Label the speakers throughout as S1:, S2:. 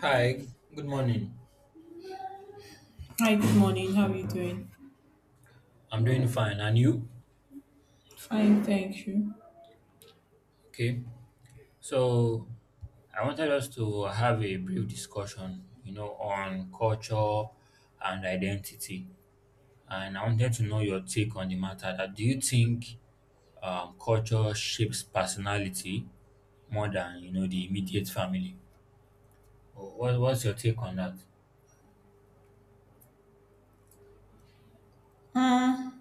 S1: Hi, good morning.
S2: Hi, good morning. How are you doing?
S1: I'm doing fine, and you?
S2: Fine, thank you.
S1: Okay. So, I wanted us to have a brief discussion, you know, on culture and identity, and I wanted to know your take on the matter. That do you think culture shapes personality more than you know the immediate family? What's your take on that?
S2: Mm,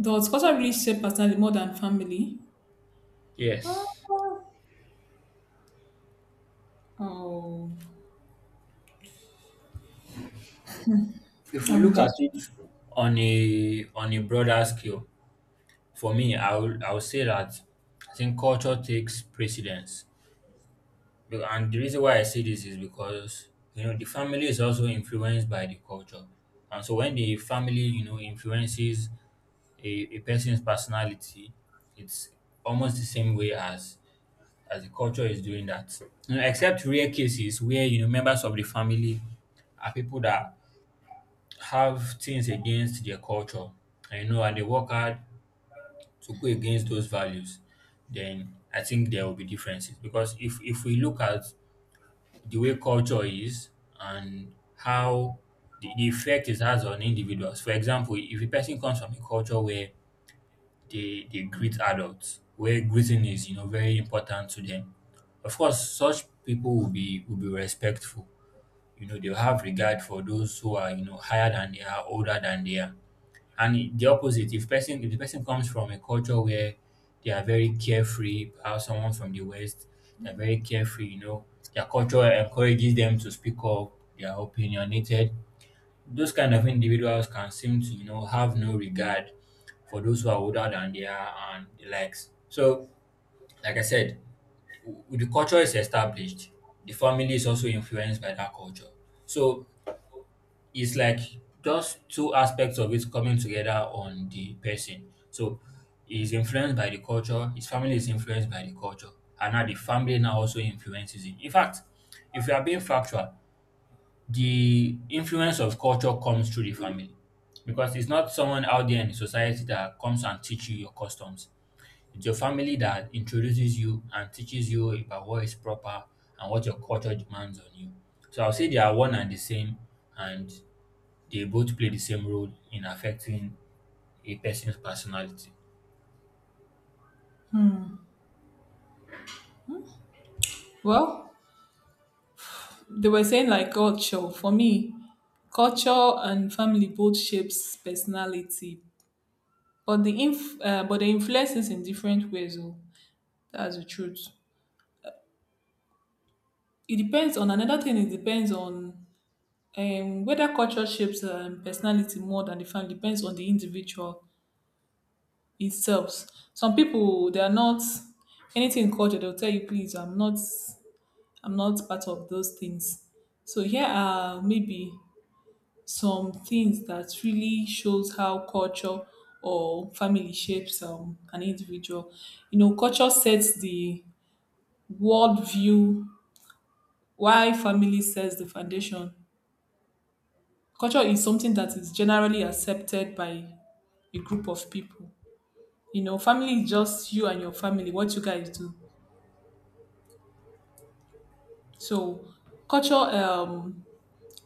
S2: Does culture really shape personality more than family?
S1: Yes.
S2: Uh, Oh,
S1: If we
S2: I'm
S1: look at
S2: just
S1: it on a broader scale. For me, I would say that I think culture takes precedence. And the reason why I say this is because you know the family is also influenced by the culture. And so when the family, you know, influences a, a person's personality, it's almost the same way as the culture is doing that. You know, except rare cases where you know members of the family are people that have things against their culture, and you know and they work hard to go against those values, then I think there will be differences. Because if we look at the way culture is and how the effect it has on individuals, for example, if a person comes from a culture where they greet adults, where greeting is you know very important to them, of course such people will be respectful. You know, they'll have regard for those who are, you know, higher than they are, older than they are, the opposite, if person if the person comes from a culture where they are very carefree, perhaps someone from the West, they're very carefree, you know, their culture encourages them to speak up, they are opinionated. Those kind of individuals can seem to, you know, have no regard for those who are older than they are and the likes. So, like I said, the culture is established. The family is also influenced by that culture. So it's like just two aspects of it coming together on the person. So he's influenced by the culture, his family is influenced by the culture, and now the family now also influences him. In fact, if you are being factual, the influence of culture comes through the family because it's not someone out there in the society that comes and teach you your customs. It's your family that introduces you and teaches you about what is proper and what your culture demands on you. So I'll say they are one and the same, and they both play the same role in affecting a person's personality.
S2: well. They were saying like culture. For me, culture and family both shapes personality, but the influences in different ways. Oh, that's the truth. It depends on another thing. It depends on whether culture shapes personality more than the family. Depends on the individual. Itself. Some people they are not anything in culture, they'll tell you, please, I'm not part of those things. So here are maybe some things that really shows how culture or family shapes an individual. You know, culture sets the world view why family sets the foundation. Culture is something that is generally accepted by a group of people. You know, family is just you and your family, what you guys do. So culture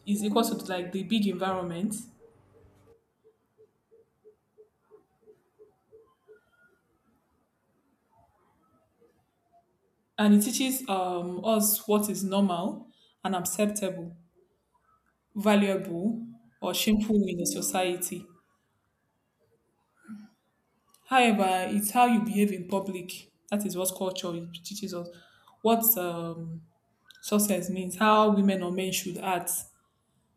S2: is equal to like the big environment, and it teaches us what is normal and acceptable, valuable, or shameful in a society. However, it's how you behave in public. That is what culture teaches us. What success means, how women or men should act,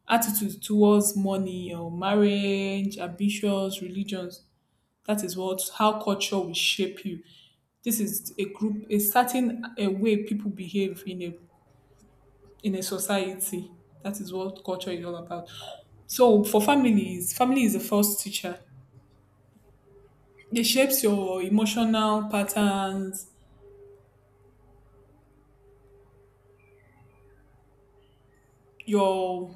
S2: attitudes towards money or marriage, ambitions, religions. That is what how culture will shape you. This is a group, a certain a way people behave in a society. That is what culture is all about. So for families, family is the first teacher. It shapes your emotional patterns, your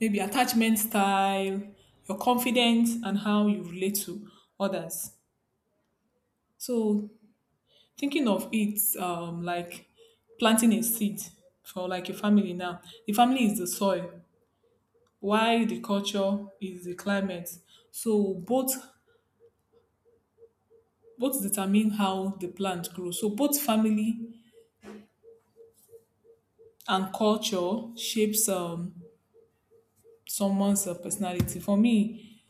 S2: maybe attachment style, your confidence, and how you relate to others. So thinking of it like planting a seed for like a family now. The family is the soil, while the culture is the climate. So both determine how the plant grows. So both family and culture shapes someone's personality. For me,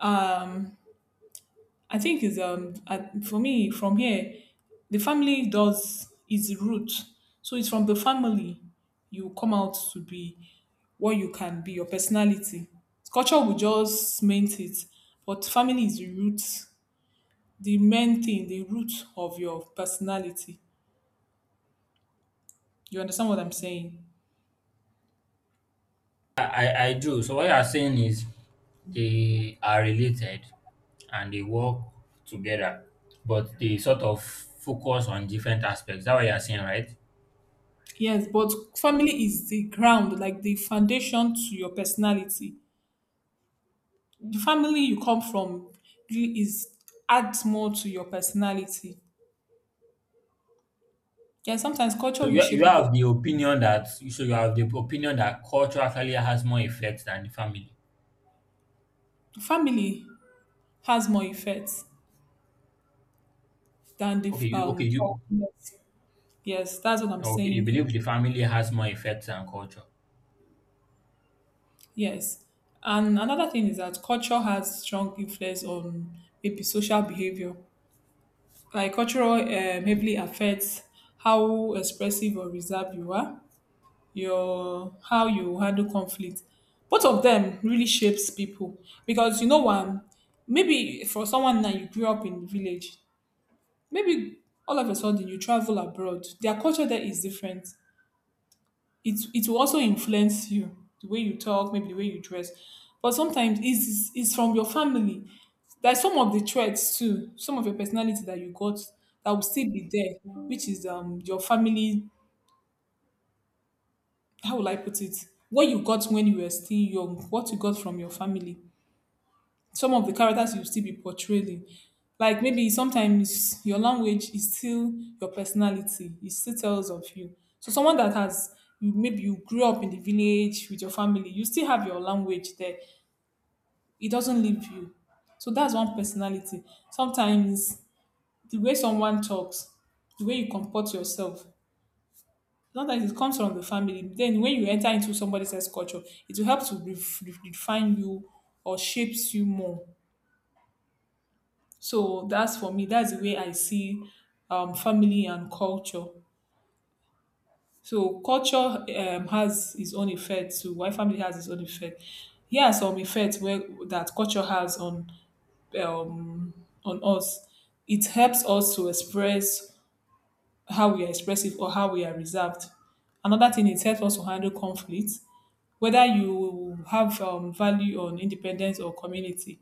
S2: um, I think is I- for me from here, the family does its root. So it's from the family you come out to be what you can be, your personality. Culture will just mint it, but family is the root, the main thing, the root of your personality. You understand what I'm saying?
S1: I do. So what you are saying is they are related and they work together, but they sort of focus on different aspects. That's what you are saying, right?
S2: Yes, but family is the ground, like the foundation to your personality. The family you come from really is adds more to your personality. Yeah, sometimes culture
S1: So
S2: will
S1: you,
S2: shape
S1: you
S2: people.
S1: have the opinion that culture actually has more effects than the family.
S2: Family has more effects than the
S1: Okay, you
S2: um.
S1: okay
S2: culture.
S1: you
S2: Yes. Yes, that's what I'm
S1: okay you
S2: saying here.
S1: believe the family has more effects than culture.
S2: Yes. And another thing is that culture has strong influence on maybe social behavior. Like cultural heavily affects how expressive or reserved you are, your how you handle conflict. Both of them really shapes people because you know one, maybe for someone that you grew up in the village, maybe all of a sudden you travel abroad, their culture there is different. It will also influence you, the way you talk, maybe the way you dress. But sometimes it's from your family. There's some of the traits too, some of your personality that you got that will still be there, which is your family. How will I put it, what you got when you were still young, what you got from your family, some of the characters you still be portraying. Like maybe sometimes your language is still your personality. It still tells of you. So someone that has, maybe you grew up in the village with your family, you still have your language there. It doesn't leave you. So that's one personality. Sometimes the way someone talks, the way you comport yourself, sometimes it comes from the family. Then when you enter into somebody's else culture, it will help to refine you or shapes you more. So that's for me. That's the way I see family and culture. So culture has its own effect too. Why family has its own effect? Here are some effects where that culture has um, on us. It helps us to express how we are expressive or how we are reserved. Another thing, it helps us to handle conflict. Whether you have value on independence or community,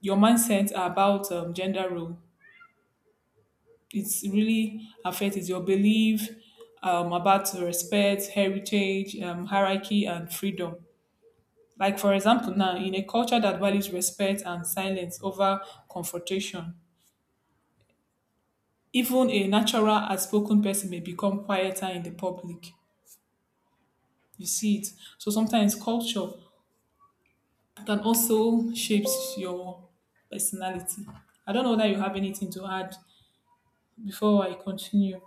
S2: your mindset about gender role, it's really affect is your belief about respect, heritage, hierarchy, and freedom. Like for example, now in a culture that values respect and silence over confrontation, even a natural outspoken person may become quieter in the public. You see it. So sometimes culture can also shapes your personality. I don't know that you have anything to add before I continue.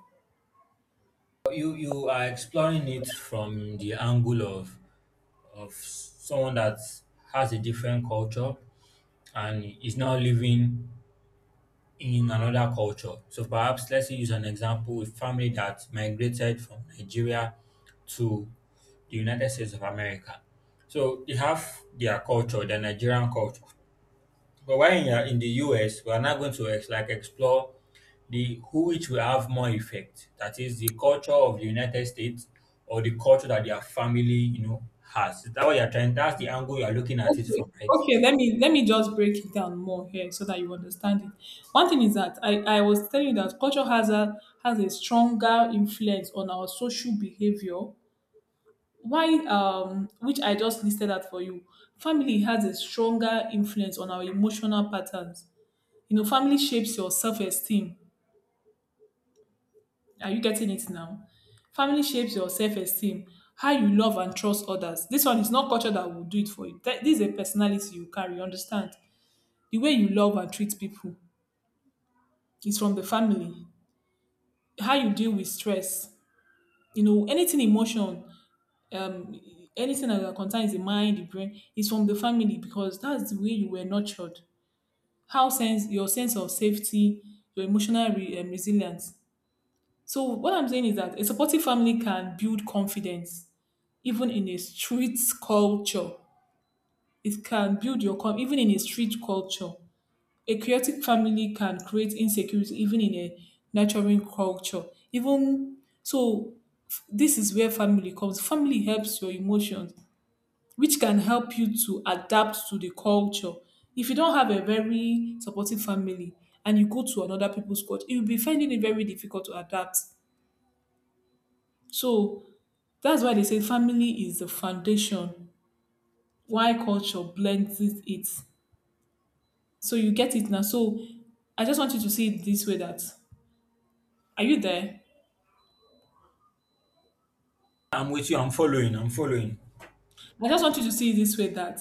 S1: You are exploring it from the angle of someone that has a different culture and is now living in another culture. So perhaps let's use an example, a family that migrated from Nigeria to the United States of America. So they have their culture, their Nigerian culture. But why in the US, we are now going to explore the who which will have more effect. That is the culture of the United States or the culture that their family, you know, has. Is that what you're trying? That's the angle you are looking at it
S2: Okay,
S1: from, right?
S2: okay. Let me just break it down more here so that you understand it. One thing is that I was telling you that culture has a stronger influence on our social behavior. Why which I just listed out for you. Family has a stronger influence on our emotional patterns. You know, family shapes your self-esteem. Are you getting it now? Family shapes your self-esteem, how you love and trust others. This one is not culture that will do it for you. This is a personality you carry, you understand? The way you love and treat people is from the family. How you deal with stress, you know, anything emotion, um anything that concerns the mind, the brain is from the family because that's the way you were nurtured. How sense your sense of safety, your resilience. So what I'm saying is that a supportive family can build confidence even in a street culture. It can build your com- even in a street culture A chaotic family can create insecurity even in a nurturing culture. Even so, this is where family comes. Family helps your emotions, which can help you to adapt to the culture. If you don't have a very supportive family and you go to another people's culture, you'll be finding it very difficult to adapt. So that's why they say family is the foundation. Why culture blends it. So you get it now. So I just want you to see it this way that are you there?
S1: I'm with you. I'm following. I'm following.
S2: I just want you to see it this way that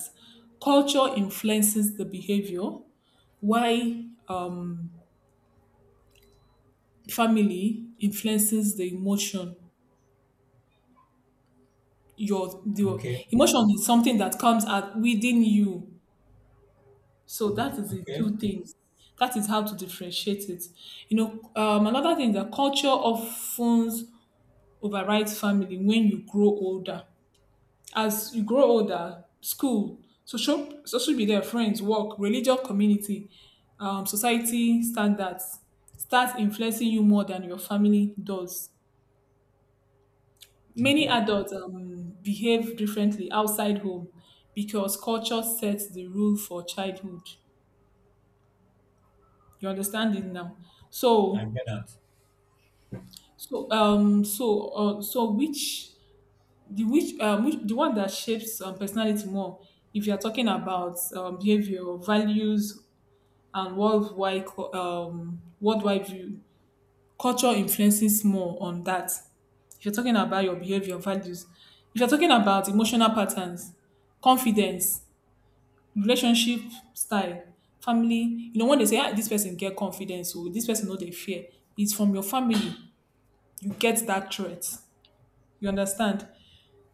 S2: culture influences the behavior, why family influences the emotion. Your the
S1: Okay.
S2: emotion is something that comes out within you. So that is the
S1: Okay.
S2: two things. That is how to differentiate it. You know, another thing that culture often overrides family when you grow older. As you grow older, school, social, social media, friends, work, religious community, society standards start influencing you more than your family does. Many
S1: Okay.
S2: adults behave differently outside home because culture sets the rule for childhood. You understand it now.
S1: I
S2: So,
S1: get that.
S2: so which the one that shapes personality more? If you are talking about behavior, values, and worldwide view. Culture influences more on that. If you're talking about your behavior, values, if you're talking about emotional patterns, confidence, relationship style, family, you know when they say ah, this person get confidence or this person know they fear, it's from your family. You get that threat. You understand?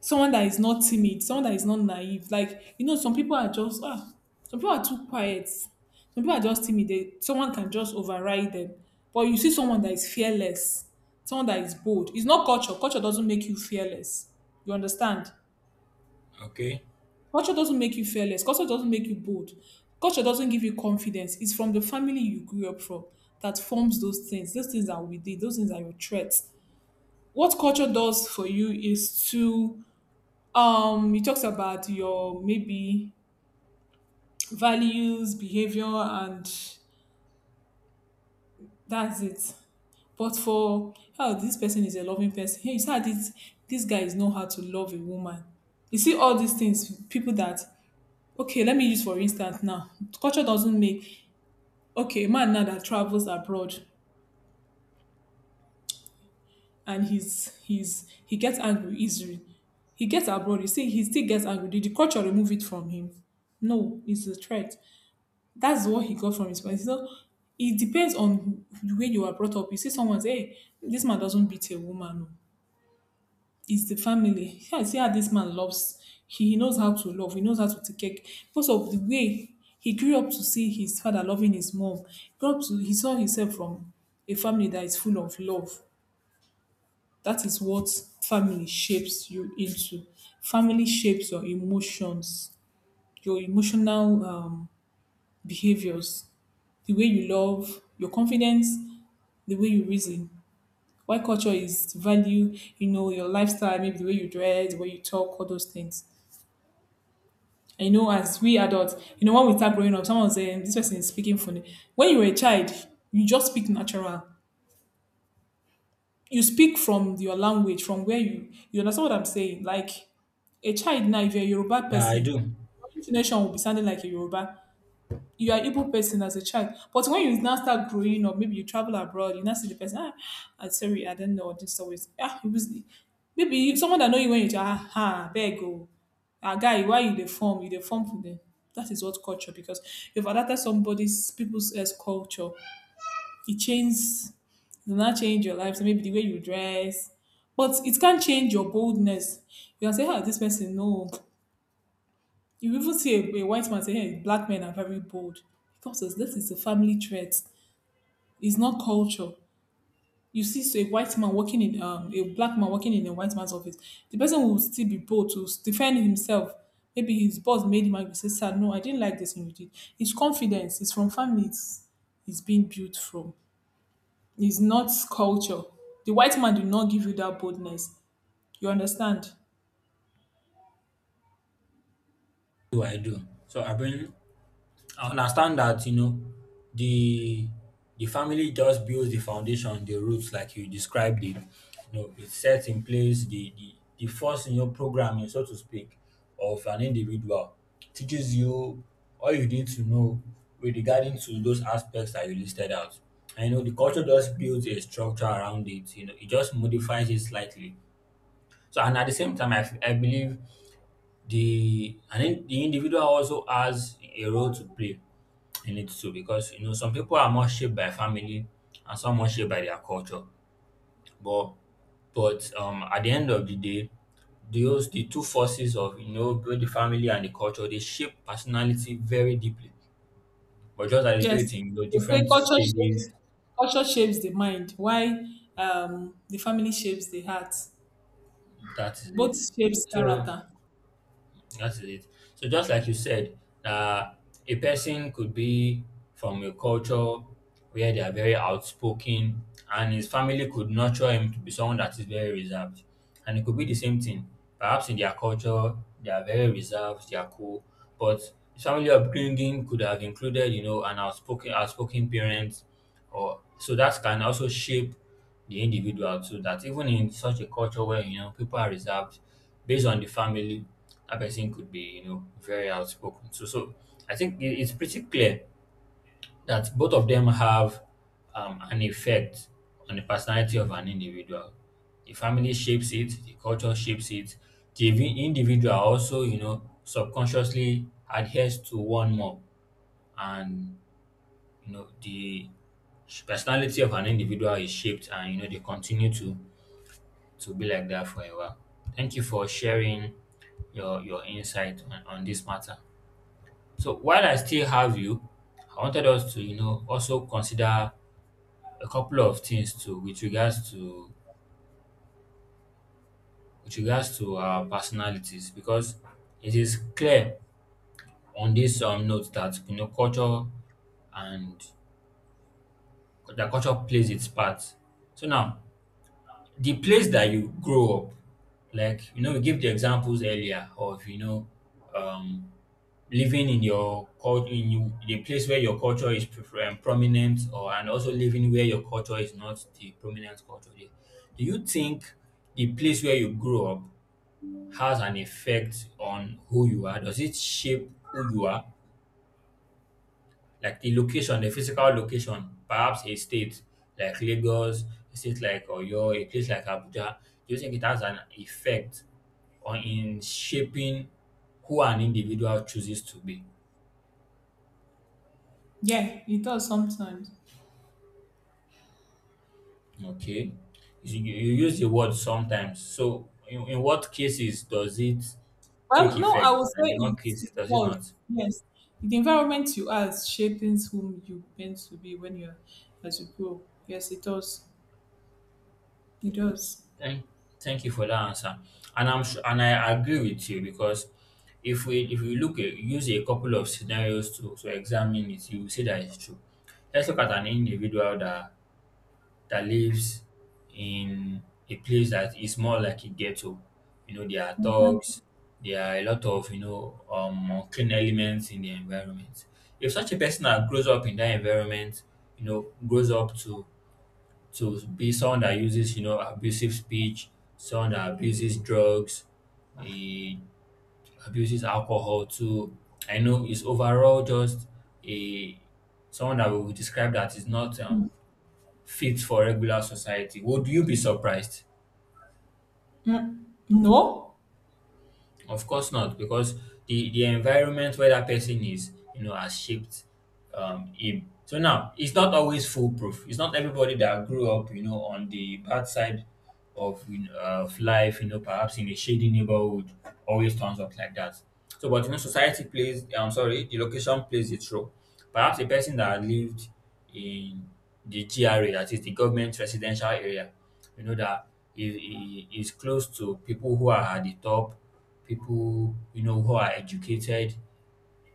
S2: Someone that is not timid, someone that is not naive. Like, you know, some people are just, ah, some people are too quiet. Some people are just timid. They, someone can just override them. But you see someone that is fearless, someone that is bold. It's not culture. Culture doesn't make you fearless. You understand?
S1: Okay.
S2: Culture doesn't make you fearless. Culture doesn't make you bold. Culture doesn't give you confidence. It's from the family you grew up from that forms those things. Those things are within. Those things are your traits. What culture does for you is to it talks about your maybe values, behavior, and that's it. But for how this person is a loving person, hey, you see how this guy is know how to love a woman. You see all these things people that, okay let me use for instance now, culture doesn't make, okay, a man now that travels abroad and he gets angry easily, he gets abroad, you see he still gets angry. Did the culture remove it from him? No, it's a threat. That's what he got from his parents. So it depends on the way you are brought up. You see someone say, hey, this man doesn't beat a woman. Oh. It's the family. Yeah, see how this man loves. He knows how to love. He knows how to take care. Because of the way he grew up to see his father loving his mom. Grew up to He saw himself from a family that is full of love. That is what family shapes you into. Family shapes your emotions, your emotional behaviors, the way you love, your confidence, the way you reason. While culture is value, you know, your lifestyle, maybe the way you dress, the way you talk, all those things. And you know, as we adults, you know, when we start growing up, someone was saying, this person is speaking funny. When you were a child, you just speak natural. You speak from your language, from where you understand what I'm saying. Like a child now, if you're a Yoruba
S1: Yeah, I
S2: person,
S1: do.
S2: your intonation will be sounding like a Yoruba. You are Igbo person as a child. But when you now start growing up, maybe you travel abroad, you now see the person, ah, I'm sorry, I don't know this always. Ah, it was maybe you, someone that know you when you child, ah, ah beg go. Ah guy, why you the form? You the form for them. That is what culture, because you've adapted somebody's people's eh, culture, it changes, it will not change your life. So maybe the way you dress, but it can change your boldness. You can say, "How this person? No, you even see a white man say, hey, black men are very bold. Because this is a family trait. It's not culture. You see so a white man working in, a black man working in a white man's office. The person will still be bold to defend himself. Maybe his boss made him angry. Say, sir, no, I didn't like this thing you did. It's confidence. It's from family. It's being built from. It's not culture. The white man did not give you that boldness. You understand?
S1: Do I do? So I bring. I understand that, you know, the the family just builds the foundation, the roots, like you described it. You know, it sets in place the first in your programming, so to speak, of an individual. Teaches you all you need to know with regarding to those aspects that you listed out. And you know, the culture just builds a structure around it. You know, it just modifies it slightly. So, and at the same time, I believe the individual also has a role to play. You need to, because you know some people are more shaped by family and some more shaped by their culture. But but at the end of the day, those the two forces of you know both the family and the culture, they shape personality very deeply. But just that they do
S2: Yes,
S1: it in you know
S2: they say
S1: different stages,
S2: culture shapes the mind, why, the family shapes the heart.
S1: that is
S2: Both
S1: it.
S2: shapes
S1: So
S2: character.
S1: that is it. So just like you said, that a person could be from a culture where they are very outspoken, and his family could nurture him to be someone that is very reserved. And it could be the same thing. Perhaps in their culture, they are very reserved, they are cool, but his family upbringing could have included, you know, an outspoken parent, or so that can also shape the individual too, that even in such a culture where you know people are reserved, based on the family, that person could be you know very outspoken. So I think it's pretty clear that both of them have an effect on the personality of an individual. The family shapes it, the culture shapes it, the individual also you know subconsciously adheres to one more, and you know the personality of an individual is shaped and you know they continue to be like that for a while. Thank you for sharing your insight on this matter. So while I still have you, I wanted us to you know also consider a couple of things to with regards to our personalities, because it is clear on this note that you know culture and the culture plays its part. So now the place that you grow up, like you know, we gave the examples earlier of you know um living in your culture, in you the place where your culture is prominent, or and also living where your culture is not the prominent culture there. Do you think the place where you grew up has an effect on who you are? Does it shape who you are? Like the location, the physical location, perhaps a state like Lagos, a state like Oyo, a place like Abuja. Do you think it has an effect on in shaping who an individual chooses to be?
S2: Yeah, it does sometimes.
S1: Okay. You use the word sometimes. So, in what cases does it take
S2: Well, no, I will
S1: effect,
S2: say
S1: and in what
S2: it
S1: cases does it
S2: does.
S1: not?
S2: Yes, the environment you are shaping whom you meant to be when you are as you grow. Yes, it does. It does.
S1: Thank, thank you for that answer. And I'm sure, and I agree with you because if we look at, use a couple of scenarios to examine it, you will see that it's true. Let's look at an individual that lives in a place that is more like a ghetto. You know, there are thugs, there are a lot of, you know, unclean elements in the environment. If such a person that grows up in that environment, you know, grows up to be someone that uses, you know, abusive speech, someone that abuses drugs, he abuses alcohol too. I know is overall just a someone that we would describe that is not fit for regular society, would you be surprised?
S2: No,
S1: Of course not, because the environment where that person is, you know, has shaped him. So now, it's not always foolproof. It's not everybody that grew up, you know, on the bad side of, you know, of life, you know, perhaps in a shady neighborhood, always turns up like that. So, but you know, society plays, I'm sorry, the location plays its role. Perhaps a person that lived in the GRA, that is the government residential area, you know that it is close to people who are at the top, people you know who are educated,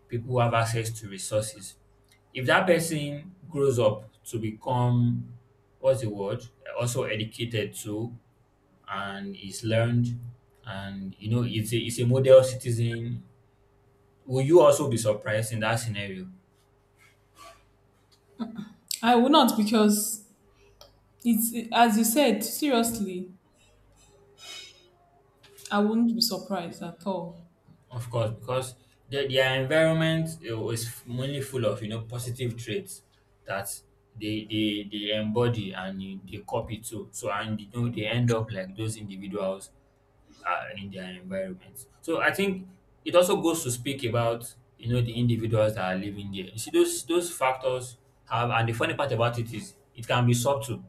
S1: people who have access to resources. If that person grows up to become, what's the word, also educated too and is learned, and you know it's it's a model citizen, will you also be surprised in that scenario?
S2: I will not because it's as you said. Seriously, I wouldn't be surprised at all.
S1: Of course, because their environment is mainly full of you know positive traits that they embody and they copy too. So and you know they end up like those individuals in their environment. So I think it also goes to speak about you know the individuals that are living there. You see those factors have, and the funny part about it is it can be subtle.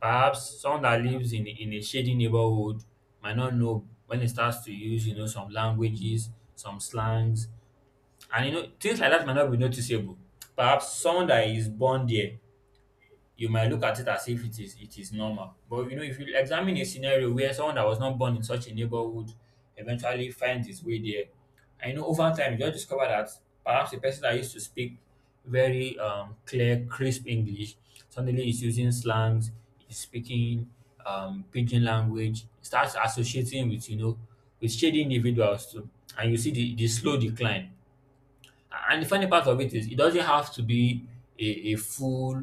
S1: Perhaps someone that lives in a shady neighborhood might not know when it starts to use, you know, some languages, some slangs, and you know, things like that might not be noticeable. Perhaps someone that is born there, you might look at it as if it is normal. But you know, if you examine a scenario where someone that was not born in such a neighborhood eventually finds his way there, I know over time you will discover that perhaps a person that used to speak very clear, crisp English suddenly is using slangs, is speaking pidgin language, starts associating with, you know, with shady individuals too, and you see the slow decline. And the funny part of it is, it doesn't have to be a full,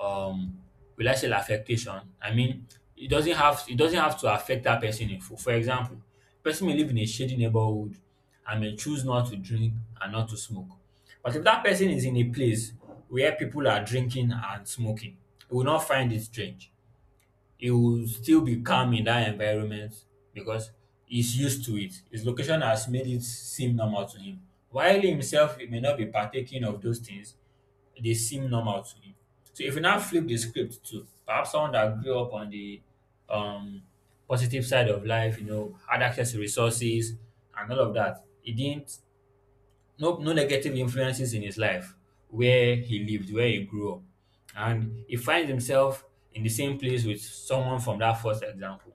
S1: um, will I say, affectation. I mean, it doesn't have to affect that person in full. For example, person may live in a shady neighborhood and may choose not to drink and not to smoke. But if that person is in a place where people are drinking and smoking, he will not find it strange, he will still be calm in that environment because he's used to it. His location has made it seem normal to him. While himself he may not be partaking of those things, they seem normal to him. So if you now flip the script to perhaps someone that grew up on the um positive side of life, you know, had access to resources and all of that, he didn't, no no negative influences in his life, where he lived, where he grew up, and he finds himself in the same place with someone from that first example,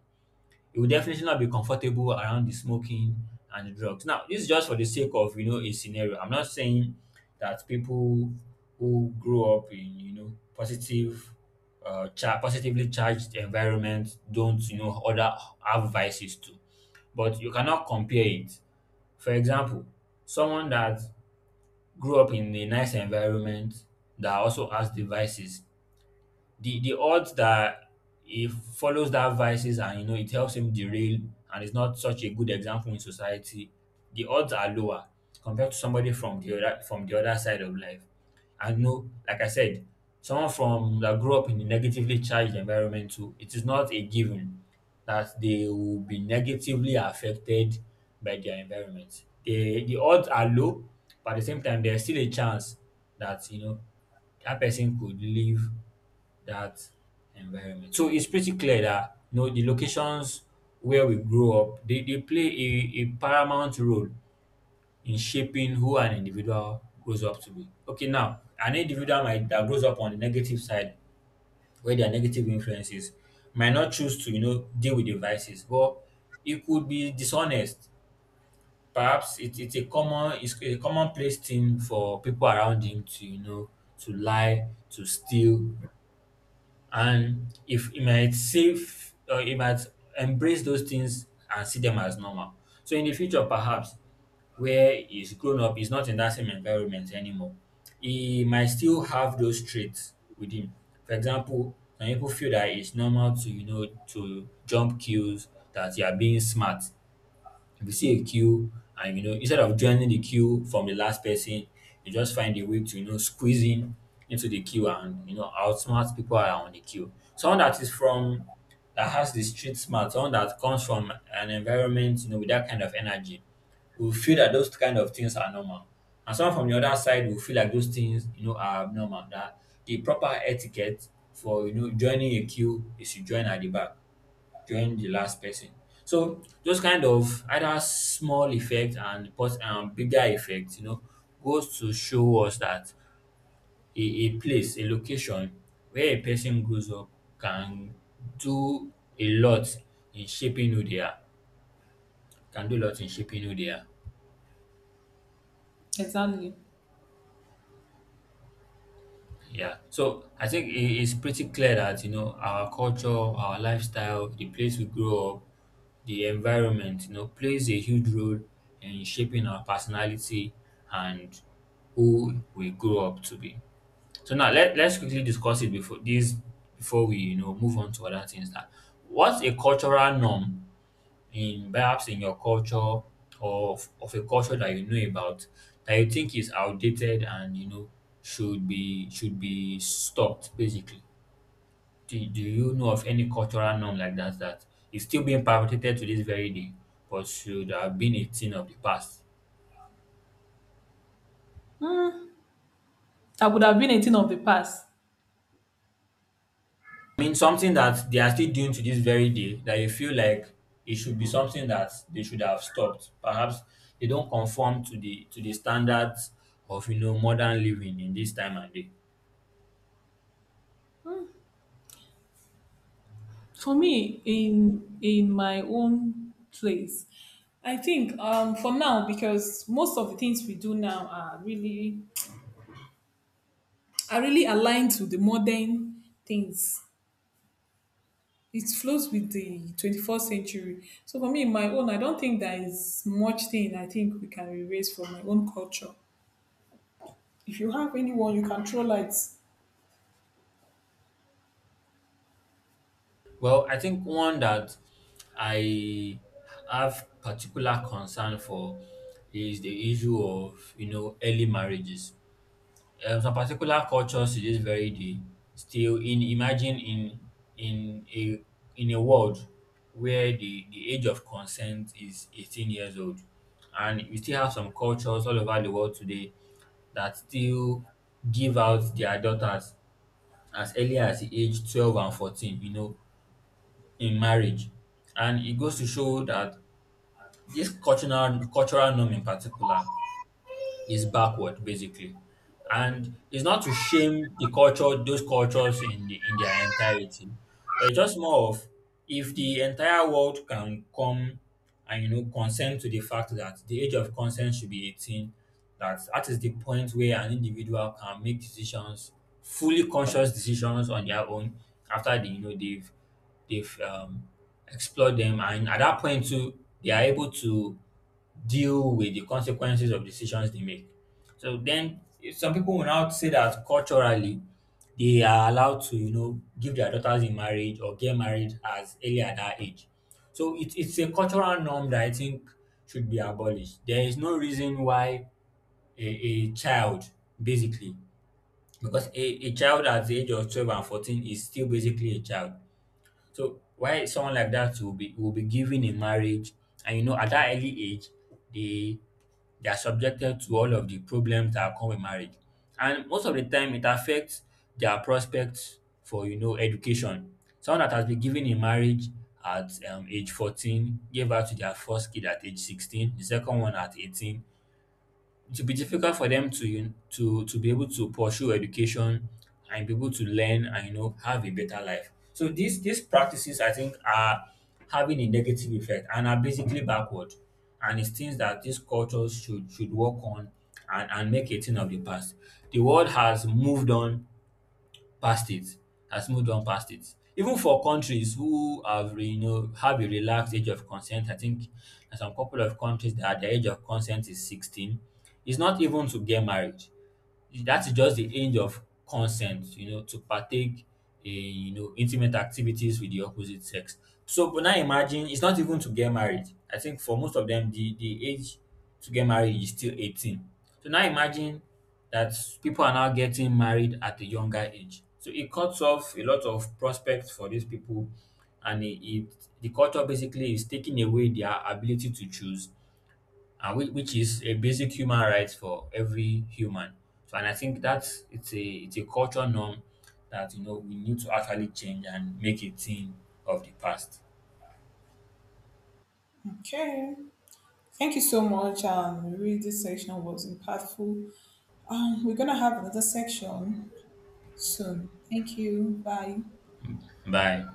S1: he will definitely not be comfortable around the smoking and the drugs. Now this is just for the sake of, you know, a scenario. I'm not saying that people who grew up in, you know, positive positively charged environment don't, you know, other have vices too, but you cannot compare it. For example, someone that grew up in a nice environment that also has devices, the odds that he follows that vices and, you know, it helps him derail and is not such a good example in society, the odds are lower compared to somebody from the other, from the other side of life. And no, like I said, someone from that grew up in a negatively charged environment too, it is not a given that they will be negatively affected by their environment. The odds are low, but at the same time there's still a chance that, you know, that person could live that environment. So it's pretty clear that, you know, the locations where we grow up, they play a paramount role in shaping who an individual grows up to be. Okay, now an individual might that grows up on the negative side where there are negative influences might not choose to, you know, deal with the vices, but it could be dishonest. Perhaps it's a common, it's a commonplace thing for people around him to, you know, to lie, to steal, and if he might save or he might embrace those things and see them as normal. So in the future, perhaps where he's grown up, he's not in that same environment anymore. He might still have those traits with him. For example, some people feel that it's normal to, you know, to jump queues, that you are being smart if you see a queue and, you know, instead of joining the queue from the last person, you just find a way to, you know, squeeze in into the queue and, you know, outsmart people that are on the queue. Someone that is from, that has the street smart, someone that comes from an environment, you know, with that kind of energy will feel that those kind of things are normal, and someone from the other side will feel like those things, you know, are abnormal, that the proper etiquette for, you know, joining a queue is to join at the back, join the last person. So those kind of either small effect and bigger effect, you know, goes to show us that a place, a location where a person grows up can do a lot in shaping who they are, can do a lot in shaping who they are.
S2: Exactly.
S1: Yeah. So I think it's pretty clear that, you know, our culture, our lifestyle, the place we grow up, the environment, you know, plays a huge role in shaping our personality and who we grow up to be. So now let's quickly discuss it before this, before we move on to other things, that what's a cultural norm in, perhaps in your culture, or of a culture that you know about that you think is outdated and, you know, should be, should be stopped basically. Do you know of any cultural norm like that that is still being perpetrated to this very day but should have been a thing of the past?
S2: I would have been a thing of the past.
S1: I mean something that they are still doing to this very day that you feel like it should be something that they should have stopped, perhaps they don't conform to the standards of, you know, modern living in this time and day.
S2: For me, in my own place, I think for now because most of the things we do now are really aligned to the modern things. It flows with the 21st century. So for me, in my own, I don't think there is much thing I think we can erase from my own culture. If you have anyone, you can throw lights.
S1: Well, I think one that I have particular concern for is the issue of, you know, early marriages. Some particular cultures to this very day still in, imagine in a, in a world where the age of consent is 18 years old, and we still have some cultures all over the world today that still give out their daughters as early as the age 12 and 14, you know, in marriage. And it goes to show that this cultural norm in particular is backward basically, and it's not to shame the culture, those cultures in the, in their entirety, but it's just more of, if the entire world can come and, you know, consent to the fact that the age of consent should be 18, that that is the point where an individual can make decisions, fully conscious decisions on their own, after they, you know, they've explored them, and at that point too they are able to deal with the consequences of decisions they make. So then if some people will now say that culturally they are allowed to, you know, give their daughters in marriage or get married as early at that age. So it's a cultural norm that I think should be abolished. There is no reason why a child, basically, because a child at the age of 12 and 14 is still basically a child. So why someone like that will be, will be given in marriage, and, you know, at that early age they they are subjected to all of the problems that come with marriage. And most of the time, it affects their prospects for, you know, education. Someone that has been given in marriage at age 14, gave birth to their first kid at age 16, the second one at 18, it will be difficult for them to you to be able to pursue education and be able to learn and, you know, have a better life. So these practices I think are having a negative effect and are basically backward. And it's things that these cultures should work on and make a thing of the past. The world has moved on past it, has moved on past it. Even for countries who have, you know, have a relaxed age of consent, I think in some couple of countries that the age of consent is 16, it's not even to get married, that is just the age of consent, you know, to partake in, you know, intimate activities with the opposite sex. So, but now imagine, it's not even to get married. I think for most of them, the age to get married is still 18. So now imagine that people are now getting married at a younger age. So it cuts off a lot of prospects for these people, and it the culture basically is taking away their ability to choose, and which is a basic human right for every human. So, and I think that's it's a cultural norm that, you know, we need to actually change and make a thing of the past.
S2: Okay. Thank you so much. Really, this section was impactful. We're gonna have another section soon. Thank you. Bye.
S1: Bye.